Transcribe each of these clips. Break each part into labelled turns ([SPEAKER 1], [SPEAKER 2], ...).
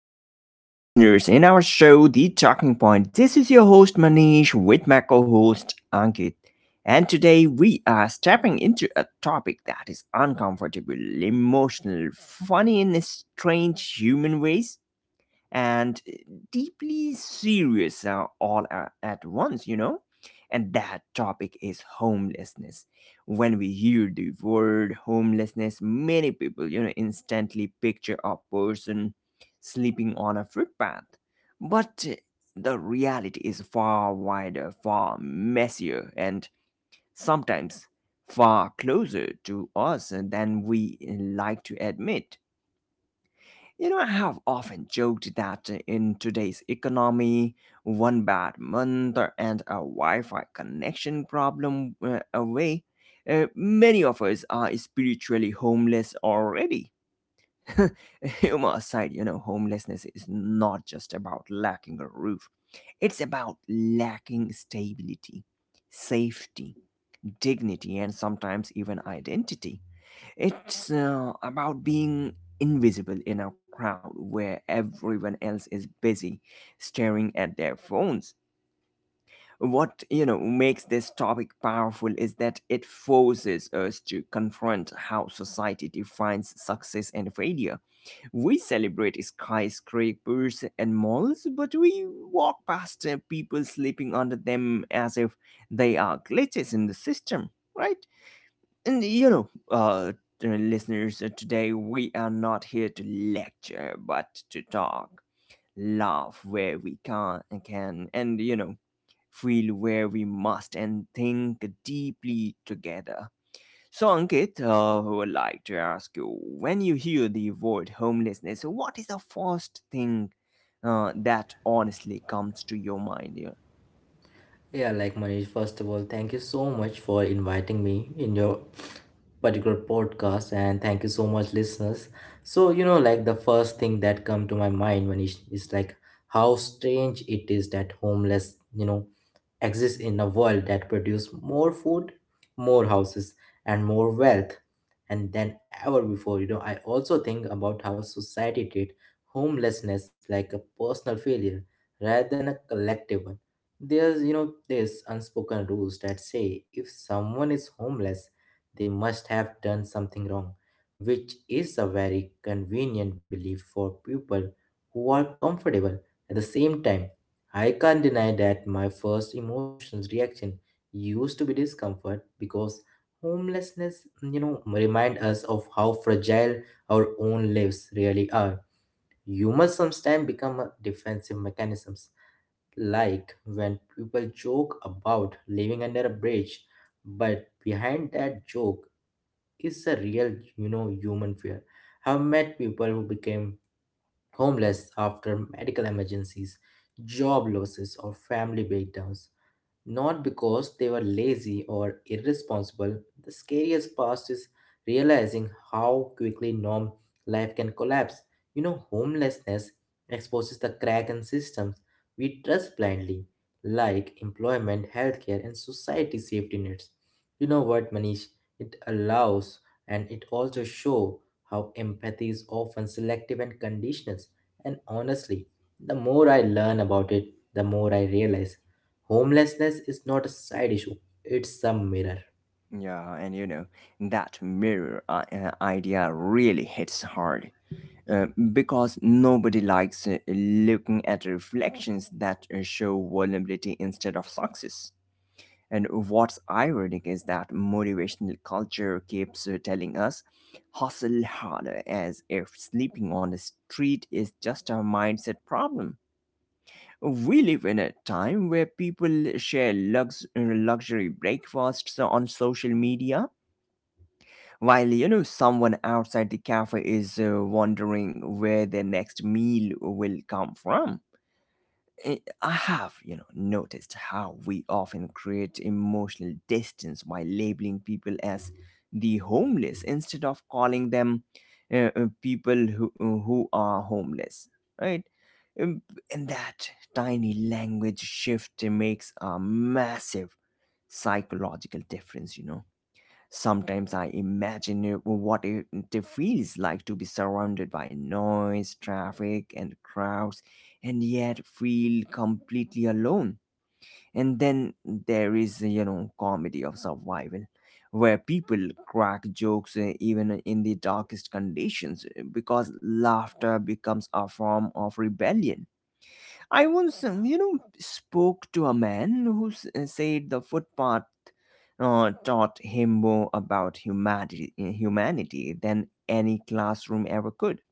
[SPEAKER 1] to all our listeners in our show, The Talking Point. This is your host Manish with my co host Ankit. And today we are stepping into a topic that is uncomfortable, emotional, funny in strange human ways, and deeply serious all at once, you know? And that topic is homelessness. When we hear the word homelessness, many people, you know, instantly picture a person sleeping on a footpath. But the reality is far wider, far messier, and sometimes far closer to us than we like to admit. You know, I have often joked that in today's economy, one bad month and a Wi Fi connection problem away, many of us are spiritually homeless already. Humor aside, you know, homelessness is not just about lacking a roof, it's about lacking stability, safety, dignity, and sometimes even identity. It's about being invisible in a crowd where everyone else is busy staring at their phones. What, you know, makes this topic powerful is that it forces us to confront how society defines success and failure. We celebrate skyscrapers and malls, but we walk past people sleeping under them as if they are glitches in the system, right? And you know, listeners, today we are not here to lecture, but to talk, laugh where we can, and you know, feel where we must, and think deeply together. So, Ankit, I would like to ask you: when you hear the word homelessness, what is the first thing that honestly comes to your mind?
[SPEAKER 2] Yeah, like Manish, first of all, thank you so much for inviting me in your particular podcast, and thank you so much listeners. So, you know, like the first thing that come to my mind, Manish, is like how strange it is that homeless, you know, exist in a world that produces more food, more houses, and more wealth and than ever before. You know, I also think about how society treat homelessness like a personal failure rather than a collective one. There's unspoken rules that say if someone is homeless, they must have done something wrong, which is a very convenient belief for people who are comfortable. At the same time, I can't deny that my first emotions reaction used to be discomfort because homelessness, you know, remind us of how fragile our own lives really are. Humor sometimes become a defensive mechanisms, like when people joke about living under a bridge, but behind that joke is a real, you know, human fear. I've met people who became homeless after medical emergencies, job losses, or family breakdowns. Not because they were lazy or irresponsible, the scariest part is realizing how quickly norm life can collapse. You know, homelessness exposes the crack in systems we trust blindly, like employment, healthcare, and society safety nets. You know what, Manish? It allows and it also shows how empathy is often selective and conditional. And honestly, the more I learn about it, the more I realize homelessness is not a side issue, it's a mirror.
[SPEAKER 1] Yeah, and you know, that mirror idea really hits hard because nobody likes looking at reflections that show vulnerability instead of success. And what's ironic is that motivational culture keeps telling us hustle harder as if sleeping on the street is just a mindset problem. We live in a time where people share luxury breakfasts on social media while, you know, someone outside the cafe is wondering where their next meal will come from. Eh, I have, you know, noticed how we often create emotional distance by labeling people as the homeless instead of calling them people who are homeless, right? Um, and that tiny language shift makes a massive psychological difference, you know. Sometimes I imagine well, what it feels like to be surrounded by noise, traffic, and crowds, and yet feel completely alone. And then there is, you know, comedy of survival, where people crack jokes even in the darkest conditions because laughter becomes a form of rebellion. I once, you know, spoke to a man who said the footpath taught him more about humanity than any classroom ever could.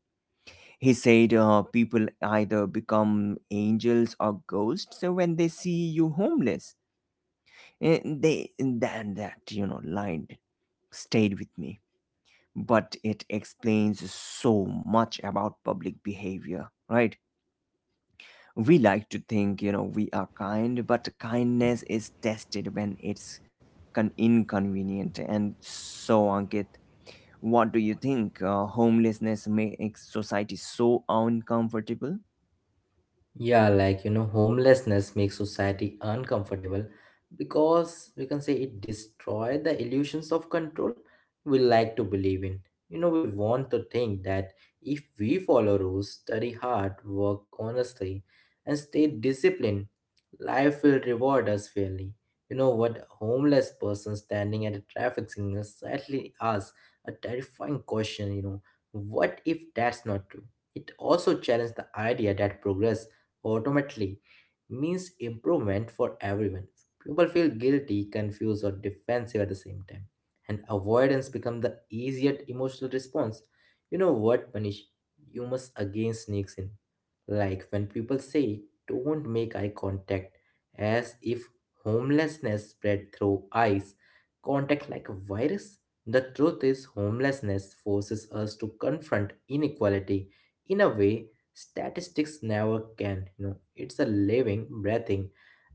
[SPEAKER 1] He said people either become angels or ghosts when they see you homeless. And they then that, you know, line stayed with me, but it explains so much about public behavior, right? We like to think, you know, we are kind, but kindness is tested when it's inconvenient. And so, Ankit, what do you think? Homelessness makes society so uncomfortable?
[SPEAKER 2] Yeah, like you know, homelessness makes society uncomfortable because we can say it destroys the illusions of control we like to believe in. You know, we want to think that if we follow rules, study hard, work honestly, and stay disciplined, life will reward us fairly. You know what, homeless person standing at a traffic signal sadly asks a terrifying question, you know, what if that's not true? It also challenged the idea that progress automatically means improvement for everyone. People feel guilty, confused, or defensive at the same time, and avoidance becomes the easier emotional response. You know what, Manish? You must again sneaks in. Like when people say, don't make eye contact, as if homelessness spread through eyes, contact like a virus. The truth is, homelessness forces us to confront inequality in a way statistics never can, you know. It's a living, breathing,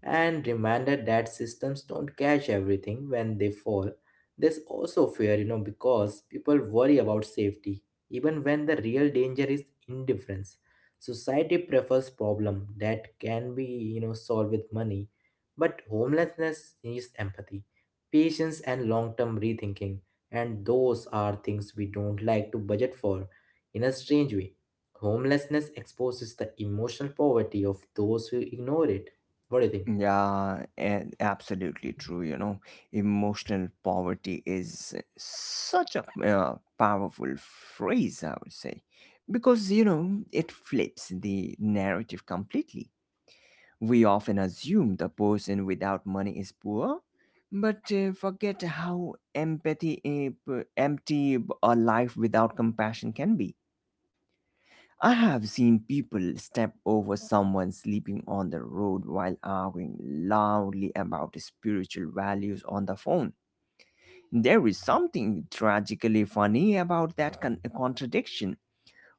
[SPEAKER 2] and reminder that systems don't catch everything when they fall. There's also fear, you know, because people worry about safety, even when the real danger is indifference. Society prefers problem that can be, you know, solved with money, but homelessness needs empathy, patience, and long-term rethinking, and those are things we don't like to budget for. In a strange way, homelessness exposes the emotional poverty of those who ignore it. What do you think?
[SPEAKER 1] Yeah, and absolutely true. You know, emotional poverty is such a powerful phrase, I would say, because, you know, it flips the narrative completely. We often assume the person without money is poor, but forget how empathy empty a life without compassion can be. I have seen people step over someone sleeping on the road while arguing loudly about spiritual values on the phone. There is something tragically funny about that contradiction.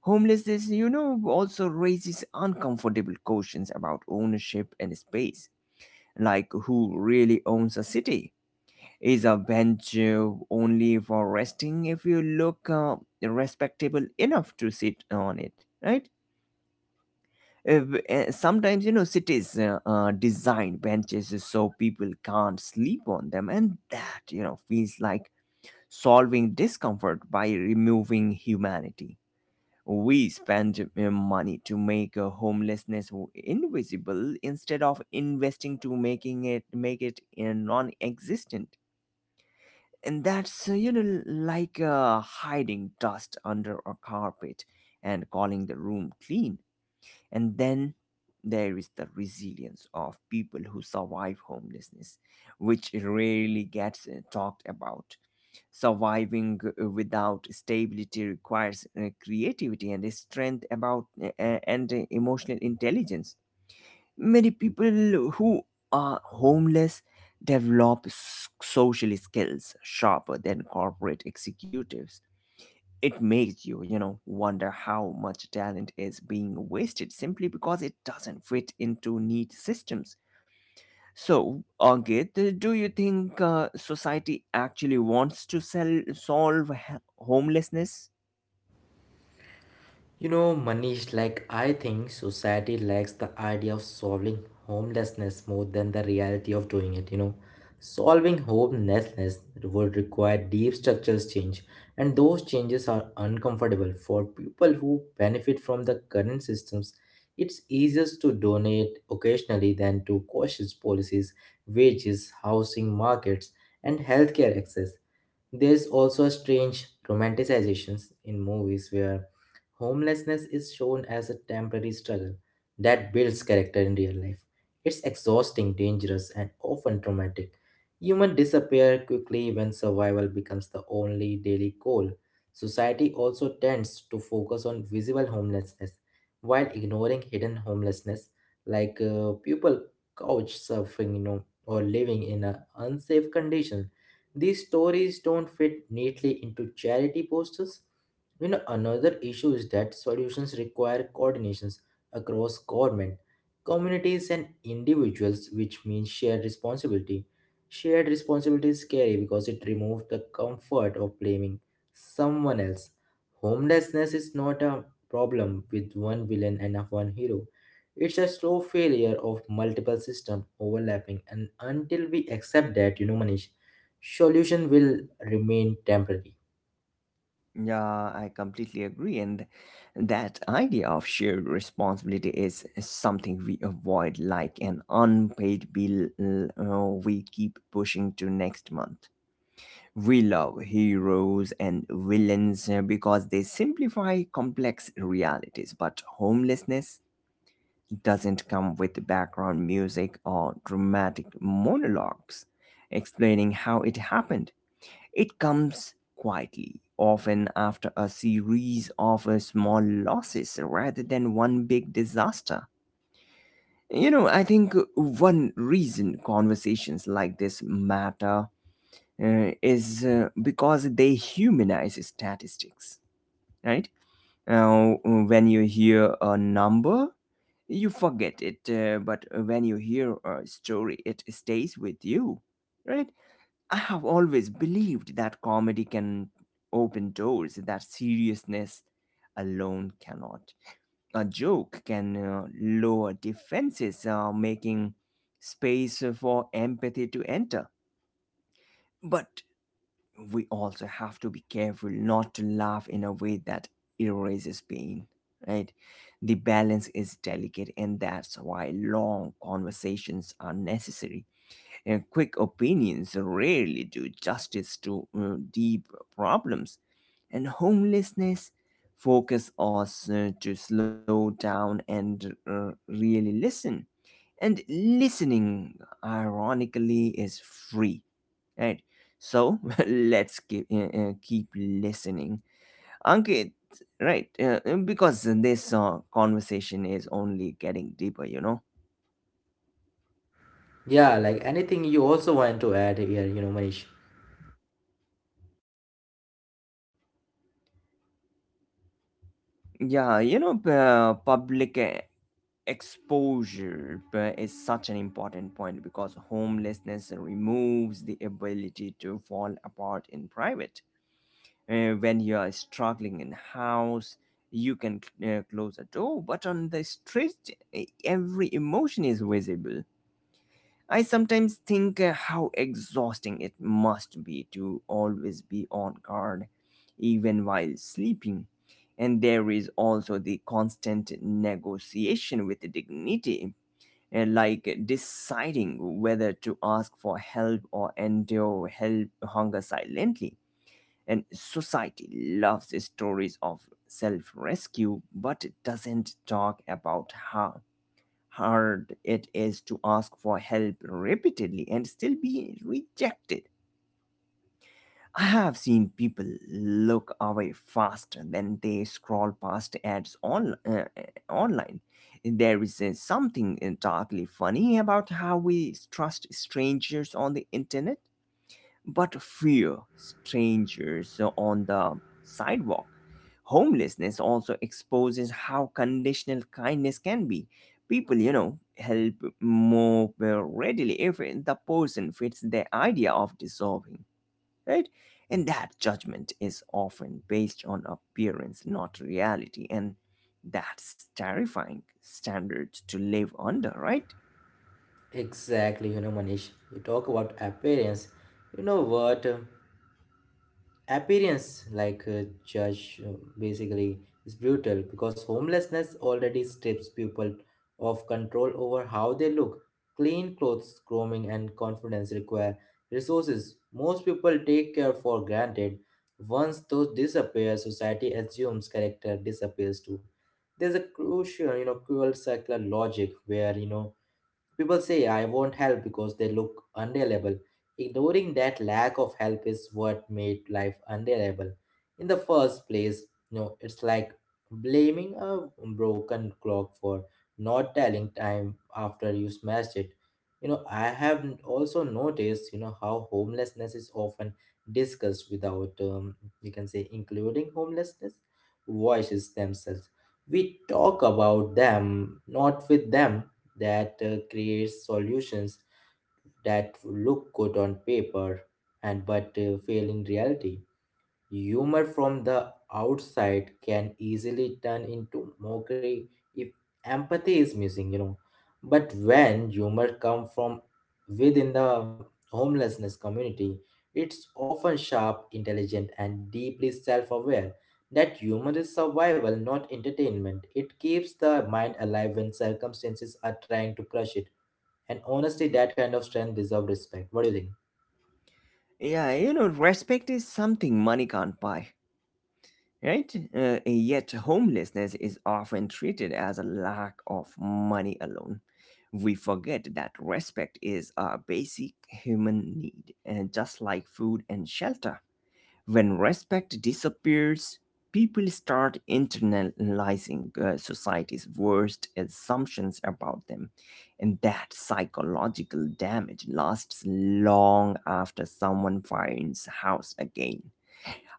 [SPEAKER 1] Homelessness, you know, also raises uncomfortable questions about ownership and space, like who really owns a city? Is a bench only for resting if you look respectable enough to sit on it, right? If, Sometimes, you know, cities design benches so people can't sleep on them, and that, you know, feels like solving discomfort by removing humanity. We spend money to make homelessness invisible instead of investing to making it make it non-existent. And that's you know, like hiding dust under a carpet and calling the room clean. And then there is the resilience of people who survive homelessness, which rarely gets talked about. Surviving without stability requires creativity and strength about and emotional intelligence. Many people who are homeless develop social skills sharper than corporate executives. It makes you, you know, wonder how much talent is being wasted simply because it doesn't fit into neat systems. So, Ankit, do you think society actually wants to solve homelessness?
[SPEAKER 2] You know, Manish, like I think society lacks the idea of solving homelessness more than the reality of doing it, you know. Solving homelessness would require deep structures change, and those changes are uncomfortable for people who benefit from the current systems. It's easier to donate occasionally than to cautious policies, wages, housing markets, and healthcare access. There's also a strange romanticizations in movies where homelessness is shown as a temporary struggle that builds character in real life. It's exhausting, dangerous, and often traumatic. Humans disappear quickly when survival becomes the only daily goal. Society also tends to focus on visible homelessness while ignoring hidden homelessness, like people couch surfing, you know, or living in an unsafe condition. These stories don't fit neatly into charity posters. You know, another issue is that solutions require coordinations across government, communities, and individuals, which means shared responsibility. Shared responsibility is scary because it removes the comfort of blaming someone else. Homelessness is not a problem with one villain and a one hero. It's a slow failure of multiple systems overlapping, and until we accept that, you know, Manish, solution will remain temporary.
[SPEAKER 1] Yeah, I completely agree. And that idea of shared responsibility is something we avoid like an unpaid bill uh, we keep pushing to next month. We love heroes and villains because they simplify complex realities, but homelessness doesn't come with background music or dramatic monologues explaining how it happened. It comes quietly, often after a series of small losses rather than one big disaster. You know, I think one reason conversations like this matter is because they humanize statistics, right? Now, when you hear a number, you forget it, but when you hear a story, it stays with you, right? I have always believed that comedy can open doors that seriousness alone cannot. A joke can lower defenses, making space for empathy to enter. But we also have to be careful not to laugh in a way that erases pain, right? The balance is delicate, and that's why long conversations are necessary, and quick opinions rarely do justice to deep problems. And homelessness focus us to slow down and really listen, and listening, ironically, is free, right? So let's keep listening, Ankit, right? Because this conversation is only getting deeper, you know.
[SPEAKER 2] Yeah, like anything you also want to add here, you know, Manish.
[SPEAKER 1] Yeah, you know, public exposure is such an important point because homelessness removes the ability to fall apart in private. When you are struggling in house, you can close a door, but on the street every emotion is visible. I sometimes think how exhausting it must be to always be on guard, even while sleeping. And there is also the constant negotiation with dignity, like deciding whether to ask for help or endure help hunger silently. And society loves stories of self rescue but doesn't talk about how hard it is to ask for help repeatedly and still be rejected. I have seen people look away faster than they scroll past ads online. There is something darkly funny about how we trust strangers on the internet, but fear strangers on the sidewalk. Homelessness also exposes how conditional kindness can be. People, you know, help more well readily if the person fits their idea of deserving, right? And that judgment is often based on appearance, not reality. And that's terrifying standard to live under, right?
[SPEAKER 2] Exactly, you know, Manish. You talk about appearance. You know what? Appearance like a judge, basically, is brutal because homelessness already strips people of control over how they look. Clean clothes, grooming, and confidence require resources most people take care for granted. Once those disappear, society assumes character disappears too. There's a crucial, you know, cruel circular logic where, you know, people say, I won't help because they look unreliable. Ignoring that lack of help is what made life unreliable. In the first place, you know, it's like blaming a broken clock for not telling time after you smashed it. You know, I have also noticed, you know, how homelessness is often discussed without, you can say, including homelessness voices themselves. We talk about them, not with them. That creates solutions that look good on paper, and but fail in reality. Humor from the outside can easily turn into mockery if empathy is missing, you know. But when humor comes from within the homelessness community, it's often sharp, intelligent, and deeply self aware. That humor is survival, not entertainment. It keeps the mind alive when circumstances are trying to crush it. And honestly, that kind of strength deserves respect. What do you think?
[SPEAKER 1] Yeah, you know, respect is something money can't buy, right? Yet homelessness is often treated as a lack of money alone. We forget that respect is a basic human need, and just like food and shelter. When respect disappears, people start internalizing society's worst assumptions about them, and that psychological damage lasts long after someone finds house again.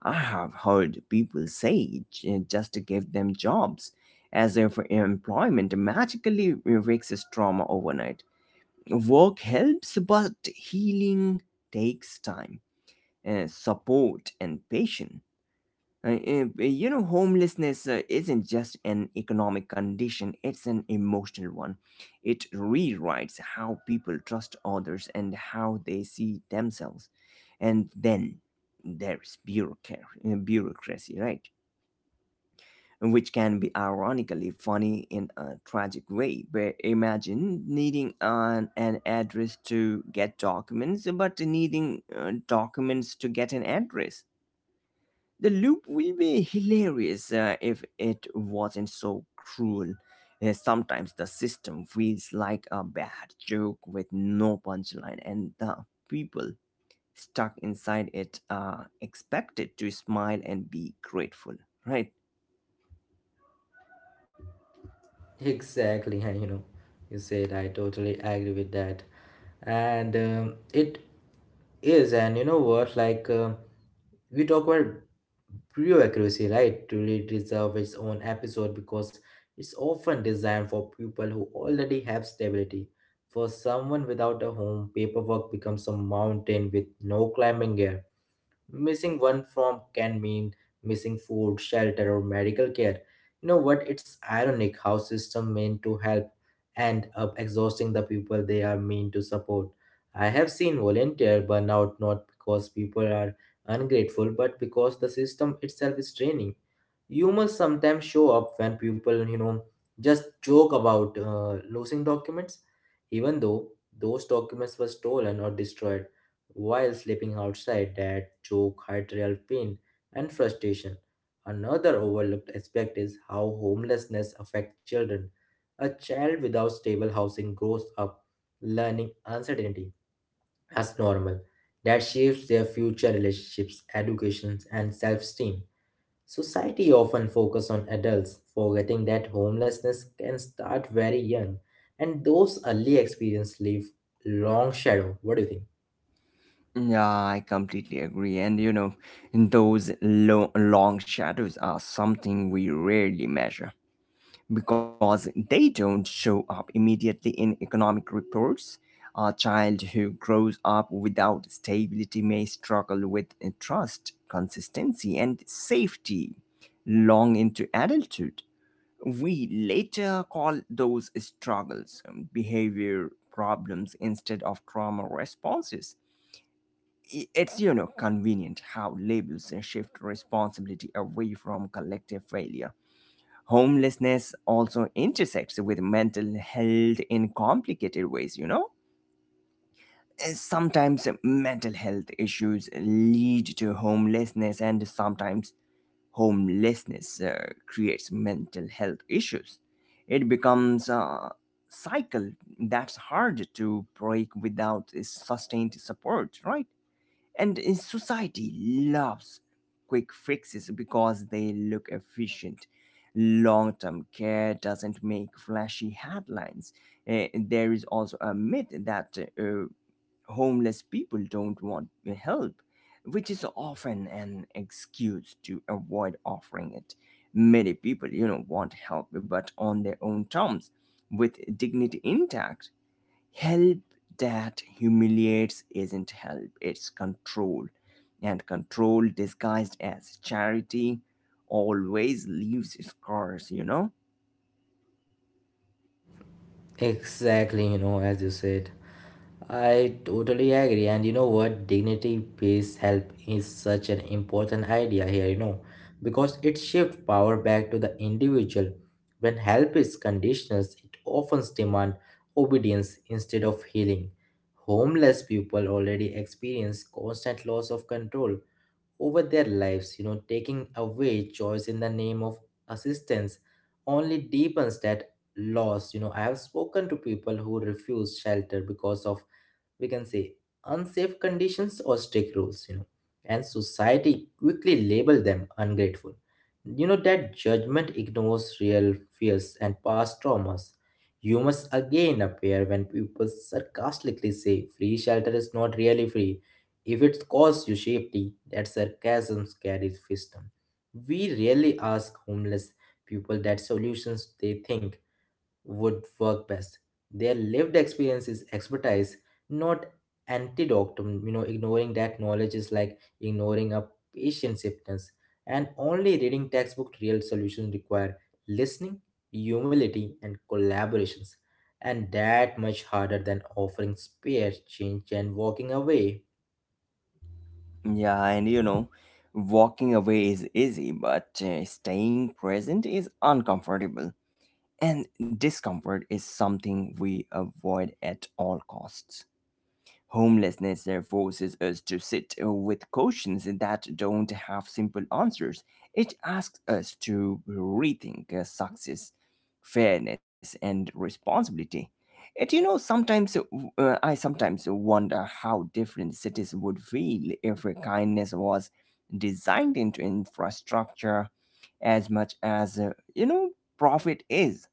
[SPEAKER 1] I have heard people say just to give them jobs, as if employment magically fixes trauma overnight. Work helps, but healing takes time, support, and patience. You know, homelessness isn't just an economic condition, it's an emotional one. It rewrites how people trust others and how they see themselves. And then there's bureaucracy, right? Which can be ironically funny in a tragic way. Where imagine needing an address to get documents, but needing documents to get an address. The loop will be hilarious if it wasn't so cruel. Sometimes the system feels like a bad joke with no punchline, and the people stuck inside it are expected to smile and be grateful, right?
[SPEAKER 2] Exactly, and you know, you said I totally agree with that, and it is, and you know what, like we talk about pure accuracy, right? To really deserve its own episode because it's often designed for people who already have stability. For someone without a home, paperwork becomes a mountain with no climbing gear. Missing one from can mean missing food, shelter, or medical care. You know what? It's ironic how system meant to help end up exhausting the people they are meant to support. I have seen volunteer burnout not because people are ungrateful, but because the system itself is draining. Humor sometimes show up when people, you know, just joke about losing documents, even though those documents were stolen or destroyed. While sleeping outside, that joke hides real pain and frustration. Another overlooked aspect is how homelessness affects children. A child without stable housing grows up learning uncertainty as normal. That shapes their future relationships, educations, and self-esteem. Society often focus on adults, forgetting that homelessness can start very young, and those early experiences leave long shadow. What do you think?
[SPEAKER 1] Yeah, I completely agree. And you know, those long shadows are something we rarely measure, because they don't show up immediately in economic reports. A child who grows up without stability may struggle with trust, consistency, and safety long into adulthood. We later call those struggles behavior problems instead of trauma responses. It's, you know, convenient how labels shift responsibility away from collective failure. Homelessness also intersects with mental health in complicated ways, you know? Sometimes mental health issues lead to homelessness, and sometimes homelessness creates mental health issues. It becomes a cycle that's hard to break without sustained support, right? And society loves quick fixes because they look efficient. Long term care doesn't make flashy headlines. There is also a myth that homeless people don't want help, which is often an excuse to avoid offering it. Many people, you know, want help, but on their own terms, with dignity intact. Help that humiliates isn't help, it's control. And control disguised as charity always leaves scars, you know?
[SPEAKER 2] Exactly, you know, as you said. I totally agree. And you know what? Dignity based help is such an important idea here, you know, because it shifts power back to the individual. When help is conditional, it often demands obedience instead of healing. Homeless people already experience constant loss of control over their lives, you know, taking away choice in the name of assistance only deepens that loss. You know, I have spoken to people who refuse shelter because of, we can say, unsafe conditions or strict rules, you know, and society quickly label them ungrateful. You know, that judgment ignores real fears and past traumas. Humors again appear when people sarcastically say free shelter is not really free if it costs you safety. That sarcasm carries wisdom. We rarely ask homeless people that solutions they think would work best. Their lived experience is expertise, not antidotum. You know, ignoring that knowledge is like ignoring a patient sickness. And only reading textbook real solutions require listening, humility, and collaborations, and that much harder than offering spare change and walking away.
[SPEAKER 1] Yeah, and you know, walking away is easy, but staying present is uncomfortable. And discomfort is something we avoid at all costs. Homelessness forces us to sit with questions that don't have simple answers. It asks us to rethink success, fairness, and responsibility. And you know, sometimes I sometimes wonder how different cities would feel if kindness was designed into infrastructure as much as you know profit is.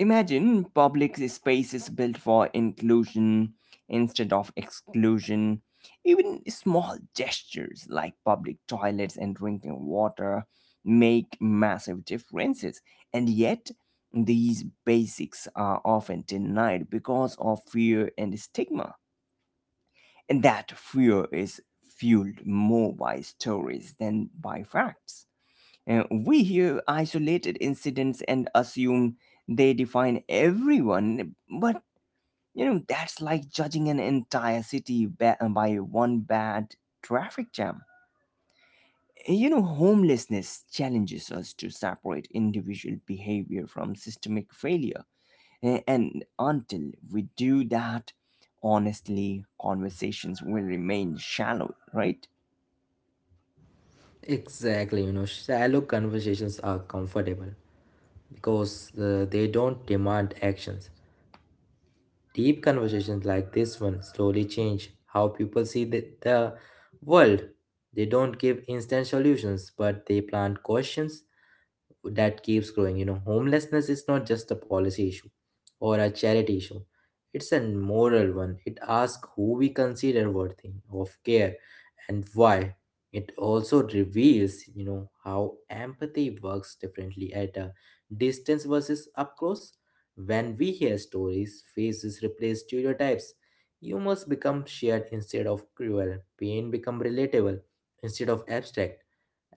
[SPEAKER 1] Imagine public spaces built for inclusion instead of exclusion. Even small gestures like public toilets and drinking water make massive differences. And yet, these basics are often denied because of fear and stigma. And that fear is fueled more by stories than by facts. We hear isolated incidents and assume they define everyone, but you know, that's like judging an entire city by one bad traffic jam. You know, homelessness challenges us to separate individual behavior from systemic failure. And until we do that, honestly, conversations will remain shallow, right?
[SPEAKER 2] Exactly, you know, shallow conversations are comfortable because they don't demand actions. Deep conversations like this one slowly change how people see the world. They don't give instant solutions, but they plant questions that keeps growing. You know, homelessness is not just a policy issue or a charity issue, it's a moral one. It asks who we consider worthy of care and why. It also reveals, you know, how empathy works differently at a distance versus up close. When we hear stories, faces replace stereotypes. You must become shared instead of cruel. Pain become relatable instead of abstract,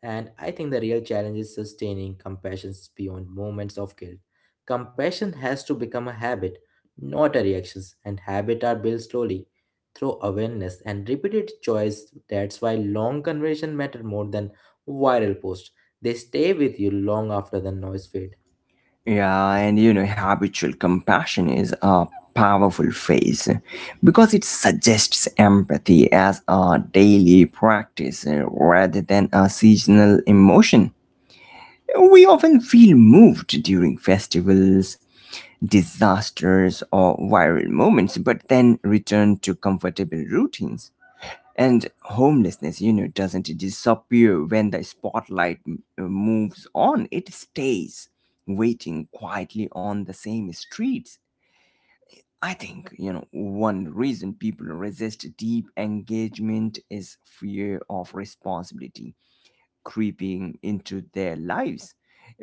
[SPEAKER 2] and I think the real challenge is sustaining compassion beyond moments of guilt. Compassion has to become a habit, not a reaction, and habits are built slowly through awareness and repeated choice. That's why long conversation matter more than viral posts. They stay with you long after the noise fade.
[SPEAKER 1] Yeah, and you know, habitual compassion is a powerful phrase because it suggests empathy as a daily practice rather than a seasonal emotion. We often feel moved during festivals, disasters, or viral moments, but then return to comfortable routines, and homelessness, you know, doesn't disappear when the spotlight moves on. It stays waiting quietly on the same streets. I think, you know, one reason people resist deep engagement is fear of responsibility creeping into their lives.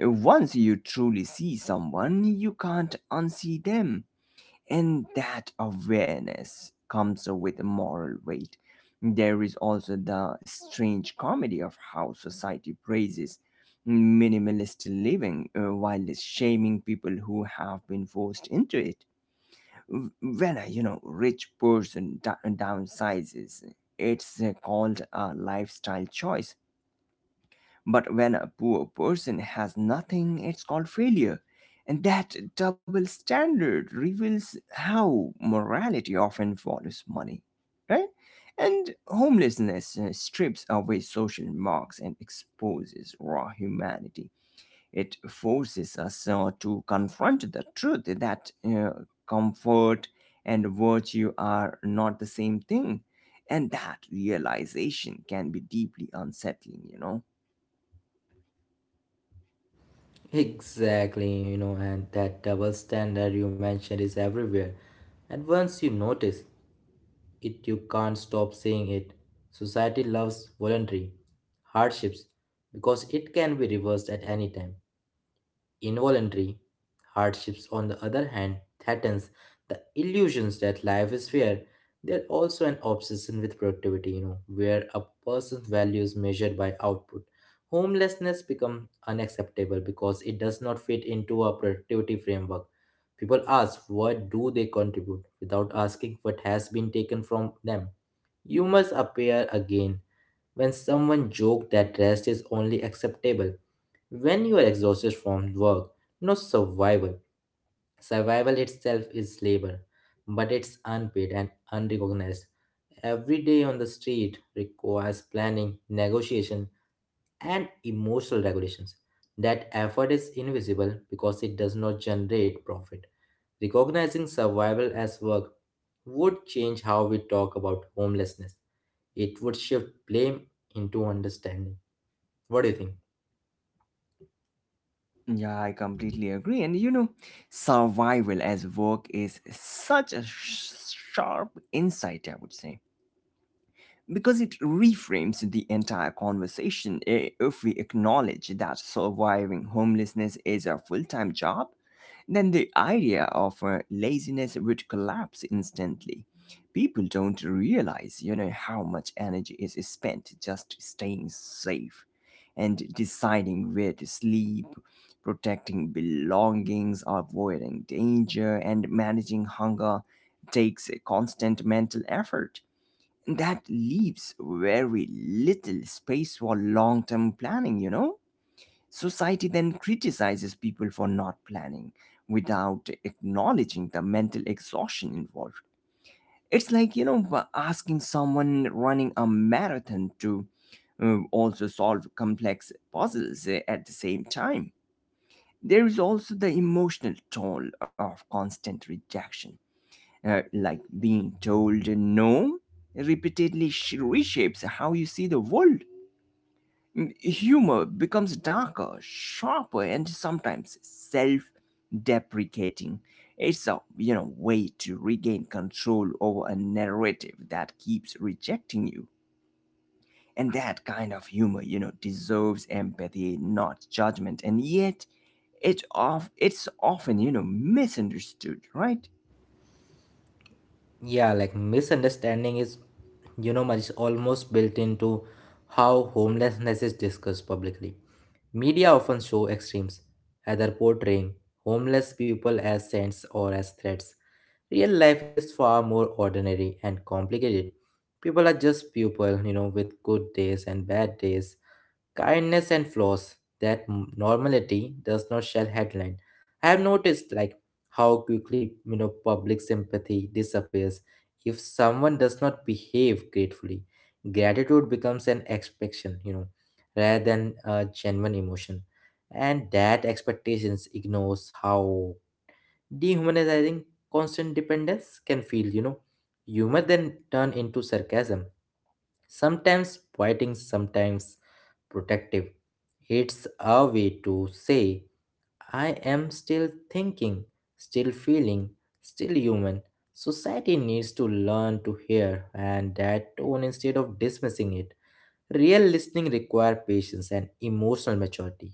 [SPEAKER 1] Once you truly see someone, you can't unsee them, and that awareness comes with moral weight. There is also the strange comedy of how society praises minimalist living while shaming people who have been forced into it. When a, you know, rich person downsizes, it's called a lifestyle choice, but when a poor person has nothing, it's called failure. And that double standard reveals how morality often follows money, right? And homelessness strips away social marks and exposes raw humanity. It forces us to confront the truth that comfort and virtue are not the same thing. And that realization can be deeply unsettling, you know.
[SPEAKER 2] Exactly, you know, and that double standard you mentioned is everywhere. And once you notice it, you can't stop saying it. Society loves voluntary hardships because it can be reversed at any time. Involuntary hardships, on the other hand, threatens the illusions that life is fair. They're also an obsession with productivity, you know, where a person's value is measured by output. Homelessness becomes unacceptable because it does not fit into a productivity framework. People ask what do they contribute without asking what has been taken from them. You must appear again. When someone joked that rest is only acceptable when you are exhausted from work, not survival. Survival itself is labor, but it's unpaid and unrecognized. Every day on the street requires planning, negotiation, and emotional regulations. That effort is invisible because it does not generate profit. Recognizing survival as work would change how we talk about homelessness. It would shift blame into understanding. What do you think?
[SPEAKER 1] Yeah, I completely agree. And you know, survival as work is such a sharp insight, I would say, because it reframes the entire conversation. If we acknowledge that surviving homelessness is a full-time job, then the idea of laziness would collapse instantly. People don't realize, you know, how much energy is spent just staying safe and deciding where to sleep. Protecting belongings, avoiding danger, and managing hunger takes a constant mental effort that leaves very little space for long term planning, you know? Society then criticizes people for not planning without acknowledging the mental exhaustion involved. It's like, you know, asking someone running a marathon to also solve complex puzzles at the same time. There is also the emotional toll of constant rejection, like being told no repeatedly reshapes how you see the world. Humor becomes darker, sharper, and sometimes self deprecating. It's a, you know, way to regain control over a narrative that keeps rejecting you. And that kind of humor, you know, deserves empathy, not judgment. And yet, it's often, you know, misunderstood, right?
[SPEAKER 2] Yeah, like misunderstanding is, you know, much almost built into how homelessness is discussed publicly. Media often show extremes, either portraying homeless people as saints or as threats. Real life is far more ordinary and complicated. People are just people, you know, with good days and bad days, kindness and flaws that normality does not shall headline. I have noticed, like, how quickly, you know, public sympathy disappears if someone does not behave gratefully. Gratitude becomes an expectation, you know, rather than a genuine emotion, and that expectations ignores how dehumanizing constant dependence can feel, you know. Humor then turn into sarcasm, sometimes poetic, sometimes protective. It's a way to say, I am still thinking, still feeling, still human. Society needs to learn to hear and that tone instead of dismissing it. Real listening requires patience and emotional maturity,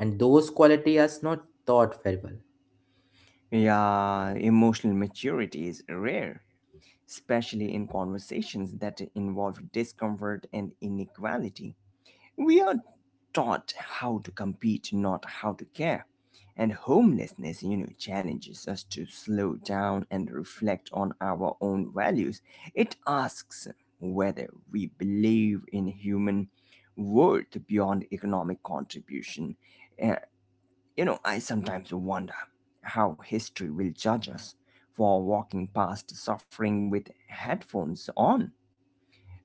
[SPEAKER 2] and those qualities are not taught very well.
[SPEAKER 1] Yeah, emotional maturity is rare, especially in conversations that involve discomfort and inequality. We are taught how to compete, not how to care. And homelessness, you know, challenges us to slow down and reflect on our own values. It asks whether we believe in human worth beyond economic contribution. eh, you know, I sometimes wonder how history will judge us for walking past suffering with headphones on.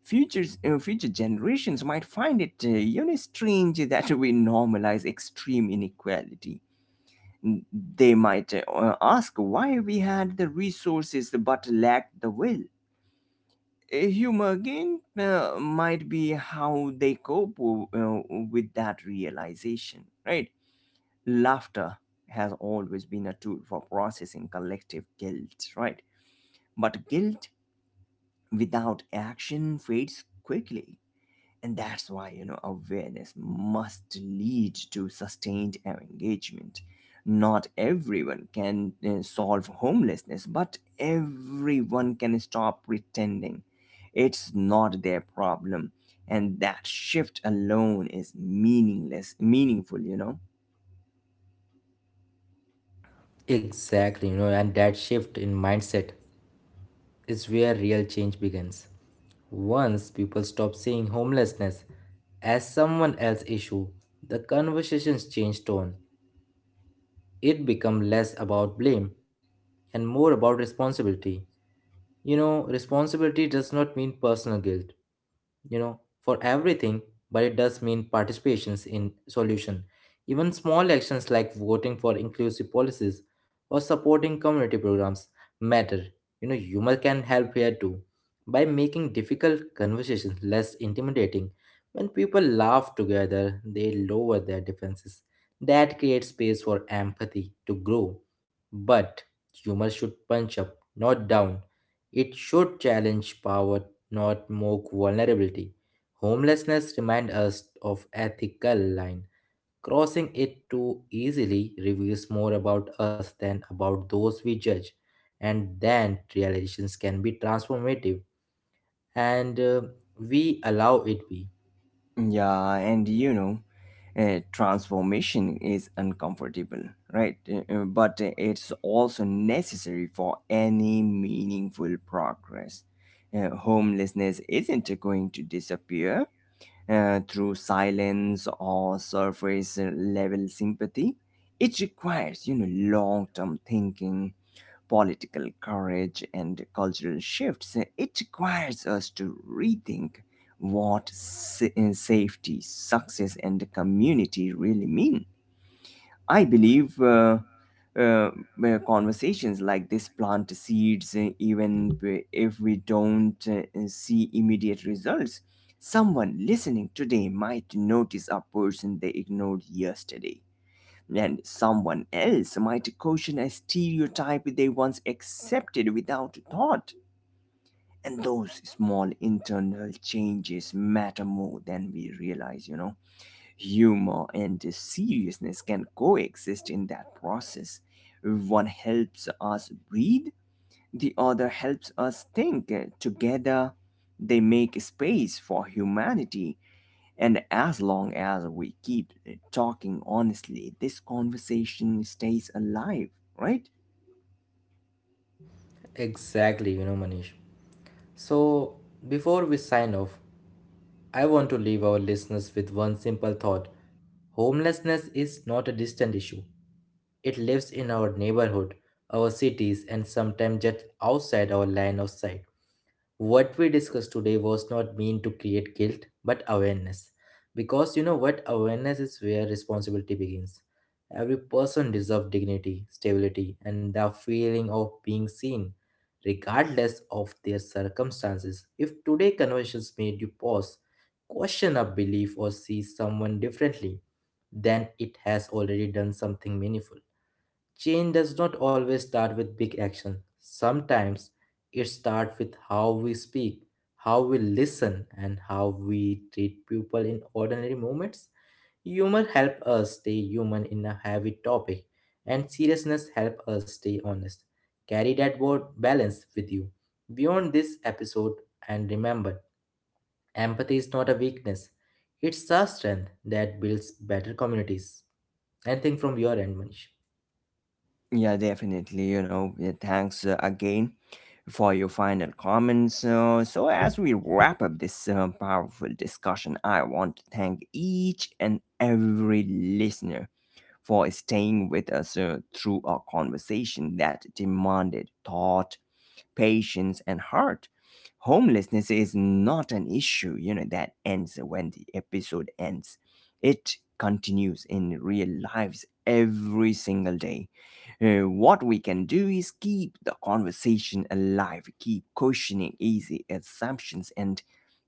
[SPEAKER 1] Future generations might find it, you know, strange that we normalize extreme inequality. They might ask why we had the resources but lacked the will. Humor again might be how they cope with that realization, right? Laughter has always been a tool for processing collective guilt, right? But guilt without action fades quickly. And that's why, you know, awareness must lead to sustained engagement. Not everyone can solve homelessness, but everyone can stop pretending it's not their problem. And that shift alone is meaningful, you know?
[SPEAKER 2] Exactly, you know, and that shift in mindset is where real change begins. Once people stop seeing homelessness as someone else's issue, the conversations change tone. It becomes less about blame and more about responsibility. You know, responsibility does not mean personal guilt, you know, for everything, but it does mean participations in solution. Even small actions like voting for inclusive policies or supporting community programs matter. You know, humor can help here too by making difficult conversations less intimidating. When people laugh together, they lower their defenses. That creates space for empathy to grow. But humor should punch up, not down. It should challenge power, not mock vulnerability. Homelessness reminds us of ethical line. Crossing it too easily reveals more about us than about those we judge. And then realizations can be transformative, and we allow it be.
[SPEAKER 1] Yeah, and you know, transformation is uncomfortable, right? But it's also necessary for any meaningful progress. Homelessness isn't going to disappear through silence or surface level sympathy. It requires, you know, long term thinking, political courage, and cultural shifts. It requires us to rethink what safety, success, and community really mean. I believe uh, conversations like this plant seeds, even if we don't see immediate results. Someone listening today might notice a person they ignored yesterday, and someone else might caution a stereotype they once accepted without thought. And those small internal changes matter more than we realize, you know. Humor and seriousness can coexist in that process. One helps us breathe, the other helps us think. Together, they make space for humanity. And as long as we keep talking honestly, this conversation stays alive, right?
[SPEAKER 2] Exactly, you know, Manish. So before we sign off, I want to leave our listeners with one simple thought. Homelessness is not a distant issue. It lives in our neighborhood, our cities, and sometimes just outside our line of sight. What we discussed today was not meant to create guilt but awareness, because, you know what, awareness is where responsibility begins. Every person deserves dignity, stability, and the feeling of being seen, regardless of their circumstances. If today conversations made you pause, question a belief, or see someone differently, then it has already done something meaningful. Change does not always start with big action. Sometimes it starts with how we speak, how we listen, and how we treat people in ordinary moments. Humor help us stay human in a heavy topic, and seriousness help us stay honest. Carry that word balance with you beyond this episode, and remember, empathy is not a weakness; it's a strength that builds better communities. Anything from your end, Manish?
[SPEAKER 1] Yeah, definitely. You know, yeah, thanks again for your final comments. So, as we wrap up this powerful discussion, I want to thank each and every listener for staying with us through a conversation that demanded thought, patience, and heart. Homelessness is not an issue, you know, that ends when the episode ends. It continues in real lives every single day. What we can do is keep the conversation alive, keep questioning easy assumptions, and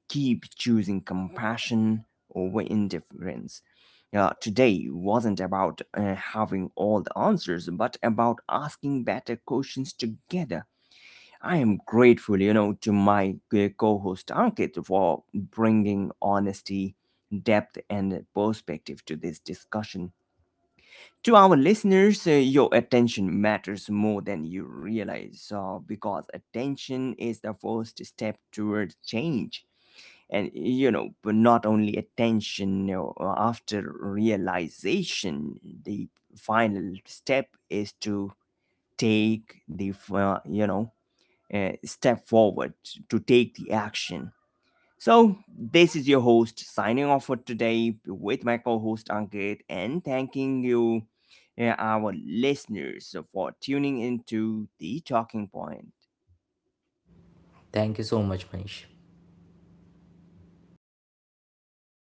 [SPEAKER 1] keep choosing compassion over indifference. Today wasn't about having all the answers, but about asking better questions together. I am grateful, you know, to my co host Ankit for bringing honesty, depth, and perspective to this discussion. To our listeners, your attention matters more than you realize, because attention is the first step towards change. And you know, but not only attention, you know, after realization the final step is to take the, step forward, to take the action. So, this is your host signing off for today with my co host Ankit and thanking you, our listeners, for tuning into the Talking Point.
[SPEAKER 2] Thank you so much, Manish.